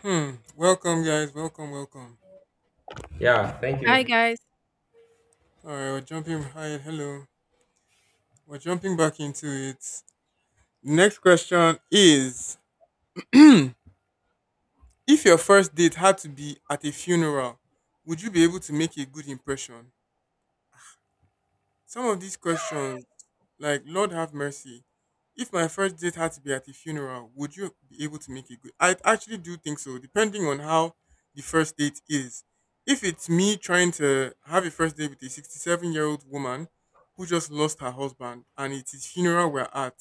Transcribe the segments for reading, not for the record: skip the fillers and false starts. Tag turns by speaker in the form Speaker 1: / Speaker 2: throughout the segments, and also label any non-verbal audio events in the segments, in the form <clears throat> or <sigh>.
Speaker 1: Hmm. Welcome, guys. Welcome, welcome.
Speaker 2: Yeah, thank
Speaker 3: Hi
Speaker 2: you.
Speaker 3: guys.
Speaker 1: All right, we're jumping. Hi, hello. We're jumping back into it. Next question is: <clears throat> If your first date had to be at a funeral, would you be able to make a good impression? Some of these questions, like Lord have mercy, if my first date had to be at a funeral, would you be able to make it good? I actually do think so, depending on how the first date is. If it's me trying to have a first date with a 67-year-old year old woman who just lost her husband and it is funeral we're at,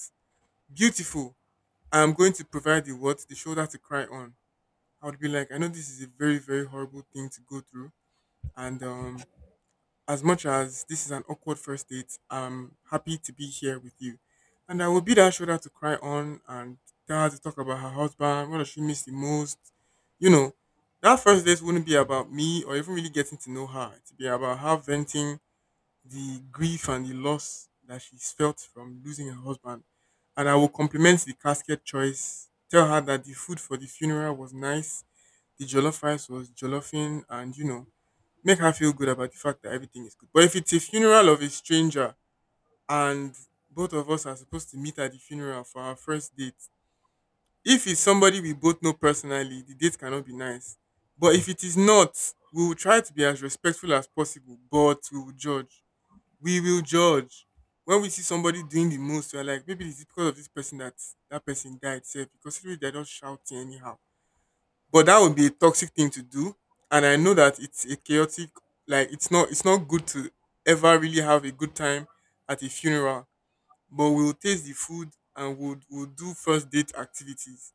Speaker 1: beautiful. I am going to provide the what, the shoulder to cry on. I would be like, I know this is a very, very horrible thing to go through. And as much as this is an awkward first date, I'm happy to be here with you. And I will be that shoulder to cry on and tell her to talk about her husband, what does she miss the most. You know, that first date wouldn't be about me or even really getting to know her. It'd be about her venting the grief and the loss that she's felt from losing her husband. And I will compliment the casket choice, tell her that the food for the funeral was nice, the jollof rice was jollofing, and make her feel good about the fact that everything is good. But if it's a funeral of a stranger and both of us are supposed to meet at the funeral for our first date, if it's somebody we both know personally, the date cannot be nice. But if it is not, we will try to be as respectful as possible, but we will judge. We will judge. When we see somebody doing the most, we're like, maybe it's because of this person that that person died, sef, because they are just shouting anyhow, but that would be a toxic thing to do. And I know that it's a chaotic, like it's not good to ever really have a good time at a funeral. But we'll taste the food and we'll do first date activities.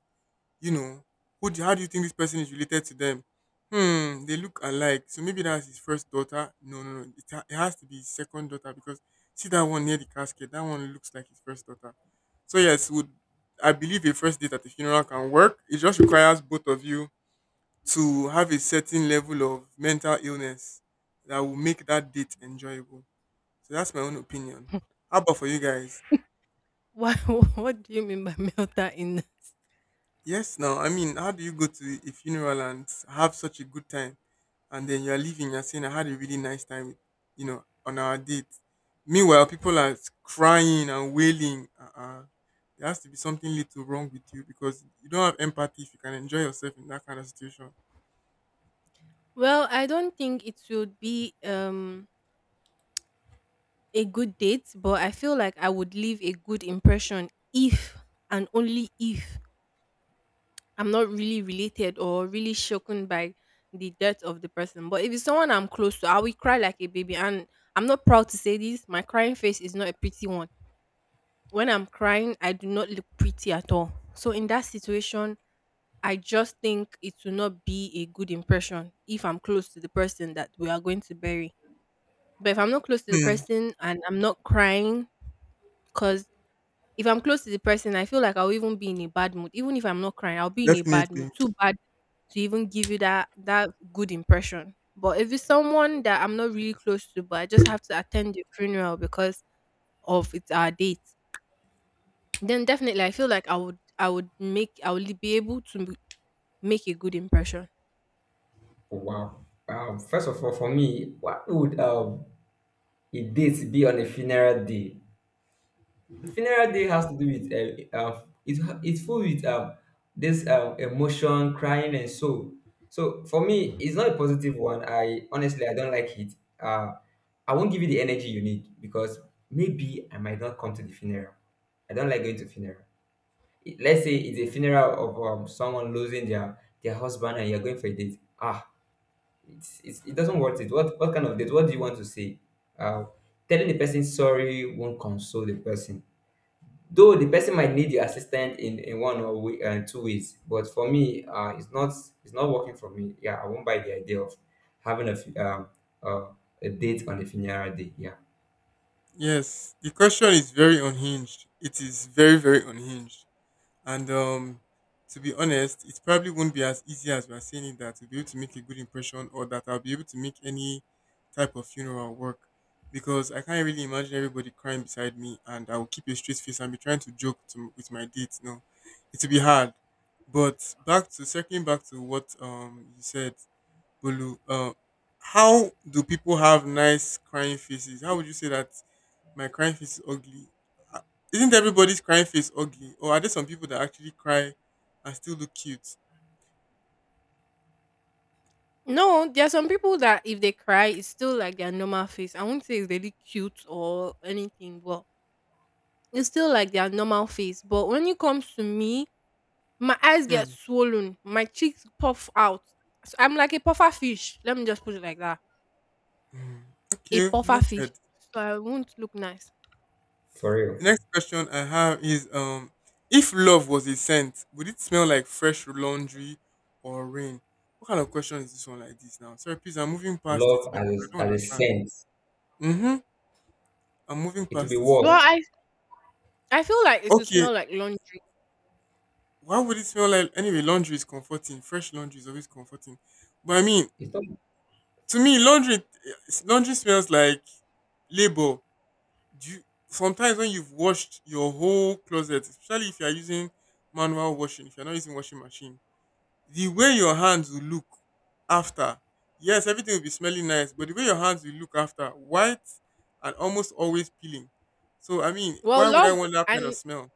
Speaker 1: You know who do, how do you think this person is related to them? They look alike, so maybe that's his first daughter. No, no, no, it has to be his second daughter because see that one near the casket, that one looks like his first daughter. So yes, would I believe a first date at the funeral can work? It just requires both of you to have a certain level of mental illness that will make that date enjoyable. So that's my own opinion.
Speaker 3: <laughs>
Speaker 1: How about for you guys?
Speaker 3: what <laughs> What do you mean by <laughs> melt that in?
Speaker 1: Yes, now, I mean, how do you go to a funeral and have such a good time? And then you're leaving, you're saying, I had a really nice time, with, on our date. Meanwhile, people are crying and wailing. Uh-uh. There has to be something little wrong with you because you don't have empathy if you can enjoy yourself in that kind of situation.
Speaker 3: Well, I don't think it would be a good date, but I feel like I would leave a good impression if and only if I'm not really related or really shaken by the death of the person. But if it's someone I'm close to, I will cry like a baby, and I'm not proud to say this, my crying face is not a pretty one. When I'm crying, I do not look pretty at all. So in that situation, I just think it will not be a good impression if I'm close to the person that we are going to bury. But if I'm not close to the
Speaker 1: Hmm,
Speaker 3: person and I'm not crying, because if I'm close to the person, I feel like I'll even be in a bad mood. Even if I'm not crying, I'll be in a bad mood.
Speaker 1: definitely.
Speaker 3: Too bad to even give you that good impression. But if it's someone that I'm not really close to, but I just have to attend the funeral because of it's our date, then definitely I feel like I would be able to make a good impression.
Speaker 2: Wow. Wow. First of all, for me, what would a date be on a funeral day? Funeral day has to do with it's full with this emotion, crying, and so. So for me, it's not a positive one. I honestly I don't like it. Uh, I won't give you the energy you need, because maybe I might not come to the funeral. I don't like going to funeral. Let's say it's a funeral of someone losing their husband and you're going for a date. Ah, it's it doesn't worth it. What kind of date? What do you want to say? Uh, telling the person sorry won't console the person. Though the person might need your assistance in one or way, two ways, but for me, it's not working for me. Yeah, I won't buy the idea of having a uh, a date on a funeral day. Yeah,
Speaker 1: Yes, the question is very unhinged. It is very, very unhinged. And to be honest, it probably won't be as easy as we are saying it that to be able to make a good impression or that I'll be able to make any type of funeral work. Because I can't really imagine everybody crying beside me and I'll keep a straight face and be trying to joke to, with my date. No, it'll be hard. But back to circling back to what you said, Bolu, how do people have nice crying faces? How would you say that my crying face is ugly? Uh, Isn't everybody's crying face ugly? Or are there some people that actually cry and still look cute?
Speaker 3: No, there are some people that if they cry, it's still like their normal face. I won't say it's really cute or anything, but it's still like their normal face. But when it comes to me, my eyes get
Speaker 1: Hmm.
Speaker 3: swollen, my cheeks puff out. So I'm like a puffer fish. Let me just put it like that.
Speaker 1: Hmm.
Speaker 3: A
Speaker 1: Okay,
Speaker 3: puffer fish,
Speaker 1: noted.
Speaker 3: so I won't look nice.
Speaker 2: for real.
Speaker 1: The next question I have is if love was a scent, would it smell like fresh laundry or rain? What kind of question is this one like this now? Sorry, please, I'm moving past it
Speaker 2: Love
Speaker 1: because I don't
Speaker 2: as a
Speaker 1: understand.
Speaker 2: sense,
Speaker 1: Mm-hmm. I'm moving
Speaker 2: it will be
Speaker 1: past it.
Speaker 3: Well,
Speaker 2: worse.
Speaker 3: I feel like it will
Speaker 1: Okay,
Speaker 3: smell like laundry.
Speaker 1: why would it smell like? Anyway, laundry is comforting. Fresh laundry is always comforting. But I mean,
Speaker 2: It's not.
Speaker 1: to me, laundry smells like labor. Do you, sometimes when you've washed your whole closet, especially if you're using manual washing, if you're not using washing machine, the way your hands will look after, yes, everything will be smelling nice, but the way your hands will look after, white and almost always peeling. So I mean,
Speaker 3: Well,
Speaker 1: why would I
Speaker 3: love
Speaker 1: want that kind of
Speaker 3: and
Speaker 1: smell?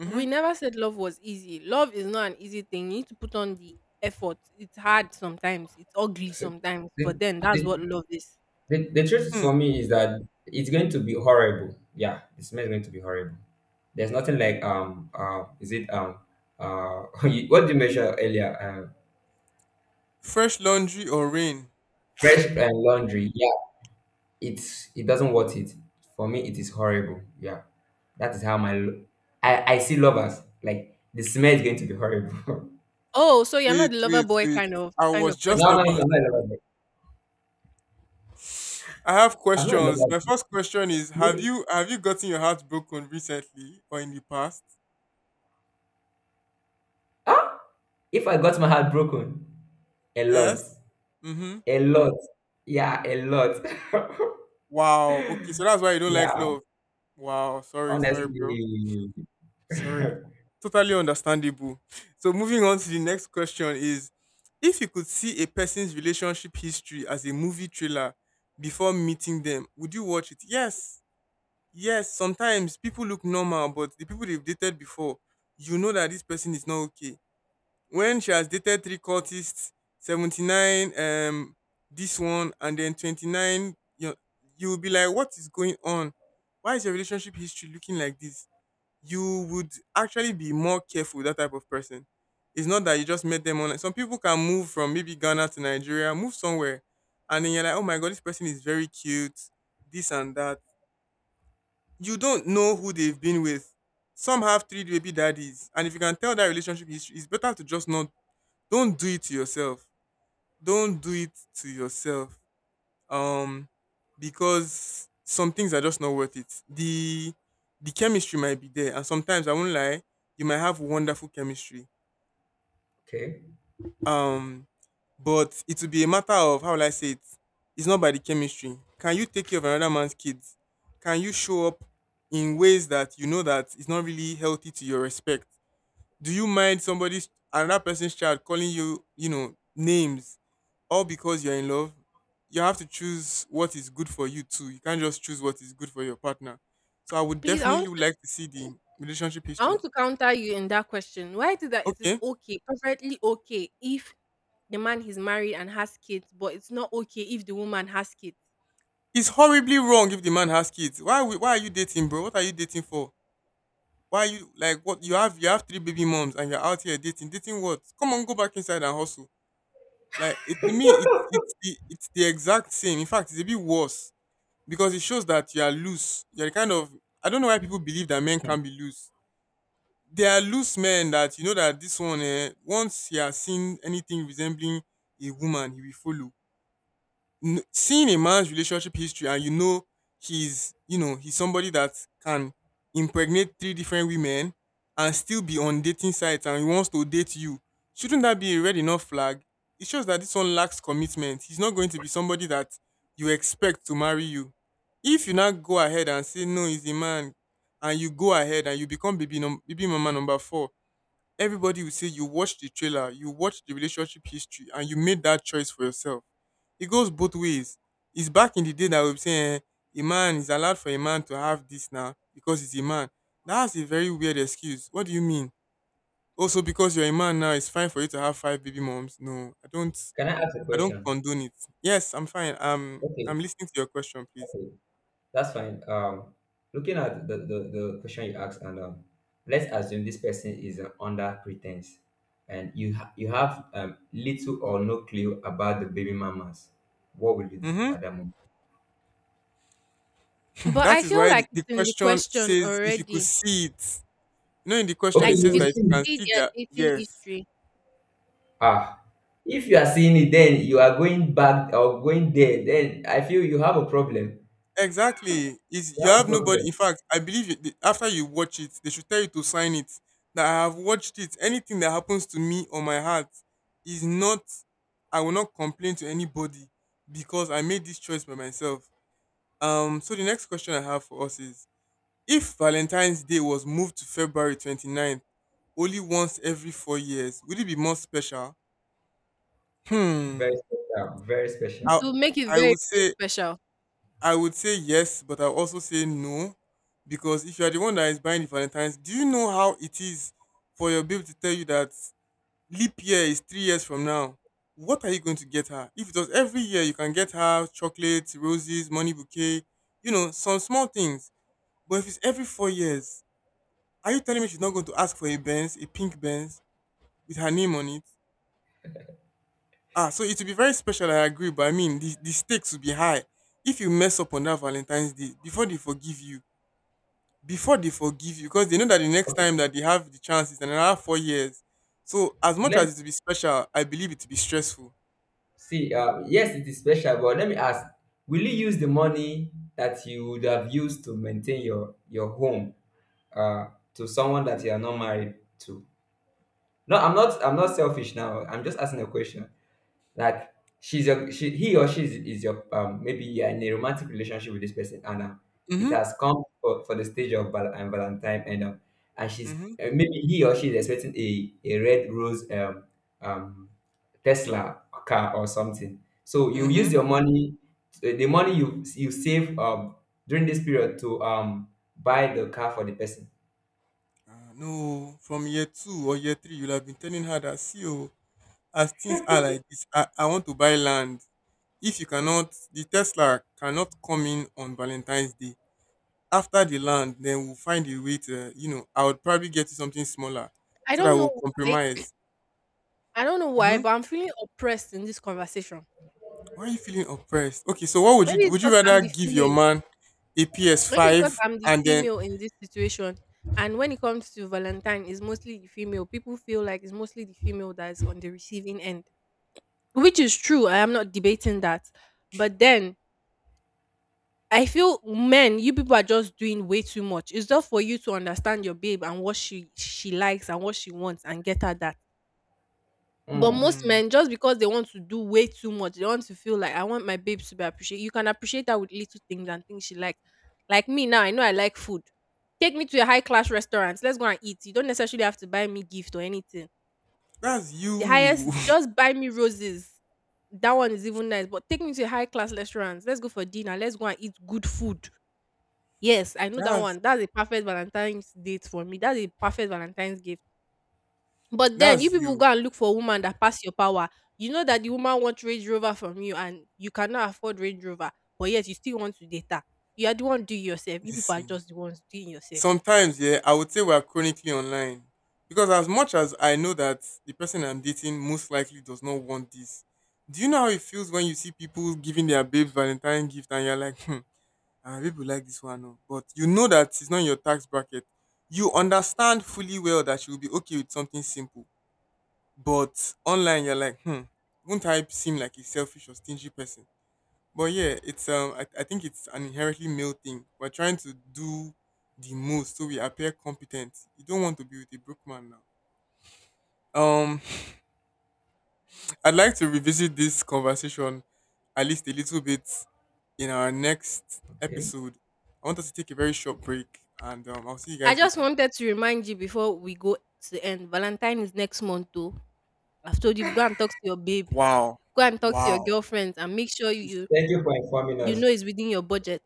Speaker 1: Mm-hmm.
Speaker 3: we never said love was easy. Love is not an easy thing. You need to put on the effort. It's hard sometimes. It's ugly sometimes,
Speaker 2: The,
Speaker 3: but then that's
Speaker 2: the,
Speaker 3: what love is.
Speaker 2: the truth
Speaker 1: Hmm,
Speaker 2: for me is that it's going to be horrible. Yeah, the smell is going to be horrible. There's nothing like is it <laughs> what did you measure earlier?
Speaker 1: Fresh laundry or rain?
Speaker 2: Fresh laundry. Yeah, it's it doesn't worth it. For me, it is horrible. Yeah, that is how my lo- I see lovers like the smell is going to be horrible. <laughs>
Speaker 3: Oh, so you're not
Speaker 1: Wait,
Speaker 3: the lover
Speaker 1: wait,
Speaker 3: boy
Speaker 1: wait.
Speaker 3: kind of
Speaker 1: I
Speaker 3: kind
Speaker 1: was
Speaker 3: of
Speaker 2: no,
Speaker 1: just
Speaker 3: person.
Speaker 2: no, no,
Speaker 1: about.
Speaker 2: I'm not a lover.
Speaker 1: I have
Speaker 2: I'm not a
Speaker 1: questions.
Speaker 2: lover.
Speaker 1: My first question is: Have you gotten your heart broken recently or in the past?
Speaker 2: Ah, if I got my heart broken, a lot,
Speaker 1: Yes. Mhm.
Speaker 2: a lot, yeah, a lot.
Speaker 1: Wow. Okay. So
Speaker 2: <laughs>
Speaker 1: that's why you don't
Speaker 2: Yeah,
Speaker 1: like love. Wow. Sorry. Sorry, bro.
Speaker 2: honestly.
Speaker 1: Sorry.
Speaker 2: <laughs>
Speaker 1: Totally understandable. So moving on to the next question is: If you could see a person's relationship history as a movie trailer before meeting them, would you watch it? Yes. Yes, sometimes people look normal, but the people they've dated before, you know that this person is not okay when she has dated three cultists, 79, this one and then 29, you'll be like, what is going on? Why is your relationship history looking like this? You would actually be more careful with that type of person. It's not that you just met them online. Some people can move from maybe Ghana to Nigeria, move somewhere, and then you're like, oh my god, this person is very cute, this and that. You don't know who they've been with. Some have three baby daddies, and if you can tell that relationship history, it's better to just not. Don't do it to yourself. Don't do it to yourself. Um, because some things are just not worth it. The chemistry might be there, and sometimes I won't lie, you might have wonderful chemistry.
Speaker 2: Okay.
Speaker 1: Um, but it will be a matter of how will I say it? It's not by the chemistry. Can you take care of another man's kids? Can you show up in ways that you know that it's not really healthy to your respect? Do you mind somebody's another person's child calling you, names all because you're in love? You have to choose what is good for you too. You can't just choose what is good for your partner. So I would
Speaker 3: Please,
Speaker 1: definitely like to see the relationship
Speaker 3: I
Speaker 1: history.
Speaker 3: want to counter you in that question. Why is it that it is
Speaker 1: Okay.
Speaker 3: okay, perfectly okay, if the man is married and has kids, but it's not okay if the woman has kids?
Speaker 1: It's horribly wrong if the man has kids. Why why are you dating, bro? What are you dating for? Why are you like what, you have three baby moms and you're out here dating. Dating what? Come on, go back inside and hustle. Like it to me, it's the exact same. In fact, it's a bit worse because it shows that you are loose. You're the kind of I don't know why people believe that men can be loose. There are loose men that you know that this one once he has seen anything resembling a woman, he will follow seeing a man's relationship history and he's somebody that can impregnate three different women and still be on dating sites and he wants to date you. Shouldn't that be a red enough flag? It shows that this one lacks commitment. He's not going to be somebody that you expect to marry you. If you now go ahead and say no, he's a man, and you go ahead and you become baby baby mama number four, everybody will say you watched the trailer, you watched the relationship history, and you made that choice for yourself. It goes both ways. It's back in the day that we were saying a man is allowed for a man to have this now because he's a man. That's a very weird excuse. What do you mean? Also, because you're a man now, it's fine for you to have five baby moms. No, I don't.
Speaker 2: Can I ask a
Speaker 1: I don't
Speaker 2: question?
Speaker 1: condone it. Yes, I'm fine.
Speaker 2: Okay,
Speaker 1: I'm listening to your question, please.
Speaker 2: okay. That's fine. Looking at the question you asked, and let's assume this person is under pretense, and you have little or no clue about the baby mamas. What will you do
Speaker 1: Mm-hmm.
Speaker 2: at that moment?
Speaker 1: <clears throat>
Speaker 3: But
Speaker 1: That
Speaker 3: I
Speaker 1: is
Speaker 3: feel
Speaker 1: why the,
Speaker 3: like
Speaker 1: the
Speaker 3: it's in the
Speaker 1: question
Speaker 3: question
Speaker 1: says if you could
Speaker 3: already.
Speaker 1: see it. In the question
Speaker 2: Okay,
Speaker 3: Like
Speaker 1: it
Speaker 2: you
Speaker 3: if
Speaker 1: says
Speaker 2: will
Speaker 3: you
Speaker 1: that if
Speaker 3: could
Speaker 1: you
Speaker 2: see.
Speaker 1: can
Speaker 3: see
Speaker 1: see
Speaker 3: their
Speaker 1: their,
Speaker 3: dating
Speaker 1: yes.
Speaker 3: history,
Speaker 2: Ah, if you are seeing it, then you are going back or going there. Then I feel you have a problem.
Speaker 1: Exactly. Is
Speaker 2: You
Speaker 1: you
Speaker 2: have a
Speaker 1: have nobody.
Speaker 2: problem.
Speaker 1: In fact, I believe you, after you watch it, they should tell you to sign it. That I have watched it. Anything that happens to me or my heart is not. I will not complain to anybody because I made this choice by myself. So the next question I have for us is: If Valentine's Day was moved to February 29th, only once every 4 years, would it be more special?
Speaker 2: Very
Speaker 1: Hmm.
Speaker 2: special. Very
Speaker 3: it
Speaker 2: special.
Speaker 1: I
Speaker 3: will make it
Speaker 1: I
Speaker 3: very,
Speaker 1: would
Speaker 3: very
Speaker 1: say
Speaker 3: special.
Speaker 1: I would say yes, but I also say no because if you are the one that is buying the Valentine's, do you know how it is for your babe to tell you that leap year is 3 years from now? What are you going to get her? If it was every year, you can get her chocolates, roses, money bouquet, some small things. But if it's every 4 years, are you telling me she's not going to ask for a Benz, a pink Benz with her name on it? Ah, so it will be very special, I agree, but I mean, the stakes will be high. If you mess up on that Valentine's Day, before they forgive you, before they forgive you because they know that the next
Speaker 2: Okay,
Speaker 1: time that they have the chance is another 4 years. So as much
Speaker 2: let
Speaker 1: as it will be special, I believe it will be stressful.
Speaker 2: See, yes, it is special, but let me ask, will you use the money that you would have used to maintain your home uh, to someone that you are not married to? No, I'm not. I'm not selfish now. I'm just asking a question. Like she's your she he or she is your maybe you're in a romantic relationship with this person and it
Speaker 1: Mhm.
Speaker 2: has come for the stage of and Valentine and she's
Speaker 1: Mhm.
Speaker 2: maybe he or she is expecting a red rose um Tesla car or something. So you
Speaker 1: Mhm.
Speaker 2: use your money, the money you save during this period to buy the car for the person.
Speaker 1: Ah, no, from year two or year three, you'll have been telling her that see, oh, as things are like this, I want to buy land. If you cannot, the Tesla cannot come in on Valentine's Day. After the land, then we'll find a way to, I would probably get you something smaller
Speaker 3: I
Speaker 1: so that
Speaker 3: don't know
Speaker 1: we'll
Speaker 3: why.
Speaker 1: compromise.
Speaker 3: I don't know why,
Speaker 1: Mhm.
Speaker 3: but I'm feeling oppressed in this conversation.
Speaker 1: Why are you feeling oppressed? Okay, so what would you
Speaker 3: Maybe it's
Speaker 1: would you
Speaker 3: because I'm
Speaker 1: rather
Speaker 3: the
Speaker 1: give your
Speaker 3: female.
Speaker 1: man a
Speaker 3: Maybe it's because
Speaker 1: PS5
Speaker 3: I'm the
Speaker 1: and then
Speaker 3: female in this situation. And when it comes to Valentine, it's mostly the female. People feel like it's mostly the female that's on the receiving end, which is true. I am not debating that. But then I feel men, you people are just doing way too much. It's just for you to understand your babe and what she likes and what she wants and get her that. But
Speaker 2: Hmm.
Speaker 3: most
Speaker 1: Hmm,
Speaker 3: men, just because they want to do way too much, they want to feel like I want my babes to be appreciated. You can appreciate her with little things and things she likes. Like me now, I know I like food. Take me to a high class restaurant. Let's go and eat. You don't necessarily have to buy me gift or anything.
Speaker 1: that's
Speaker 3: The highest,
Speaker 1: you.
Speaker 3: just buy me roses. That one is even nice. But take me to a high class restaurant. Let's go for dinner. Let's go and eat good food. Yes, I
Speaker 1: <laughs>
Speaker 3: know that one.
Speaker 1: that's
Speaker 3: That's a perfect Valentine's date for me. That's a perfect Valentine's gift. But then you
Speaker 1: that's
Speaker 3: people
Speaker 1: you.
Speaker 3: go and look for a woman that pass your power. You know that the woman wants Range Rover from you and you cannot afford Range Rover, but yet you still want to date her. You are the one doing yourself. You people are
Speaker 1: Listen.
Speaker 3: just the ones doing yourself.
Speaker 1: Sometimes, yeah, I would say we are chronically online. Because as much as I know that the person I'm dating most likely does not want this, do you know how it feels when you see people giving their babes Valentine gift and you're like, ah, people like this one, oh. But you know that it's not in your tax bracket. You understand fully well that she will be okay with something simple. But online, you're like, won't I seem like a selfish or stingy person? But yeah, I think it's an inherently male thing. We're trying to do the most so we appear competent. You don't want to be with a broke man now. <laughs> I'd like to revisit this conversation at least a little bit in our next
Speaker 2: Okay.
Speaker 1: episode. I want us to take a very short break, and I'll see you
Speaker 3: I
Speaker 1: guys
Speaker 3: just
Speaker 1: later.
Speaker 3: wanted to remind you before we go to the end. Valentine is next month too. I've told you, go and talk to your babe,
Speaker 1: Wow,
Speaker 3: go and talk to your
Speaker 1: wow!
Speaker 3: girlfriends and make sure
Speaker 1: You
Speaker 3: you
Speaker 2: Thank you for informing
Speaker 3: you
Speaker 2: us.
Speaker 3: know it's within your budget.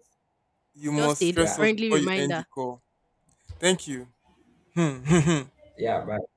Speaker 1: you
Speaker 3: Just
Speaker 1: must
Speaker 3: a
Speaker 1: stress
Speaker 2: Yeah.
Speaker 1: us
Speaker 3: friendly
Speaker 1: before you end the
Speaker 3: reminder.
Speaker 1: call. Thank you. Hmm. <laughs>
Speaker 2: Yeah. Bye.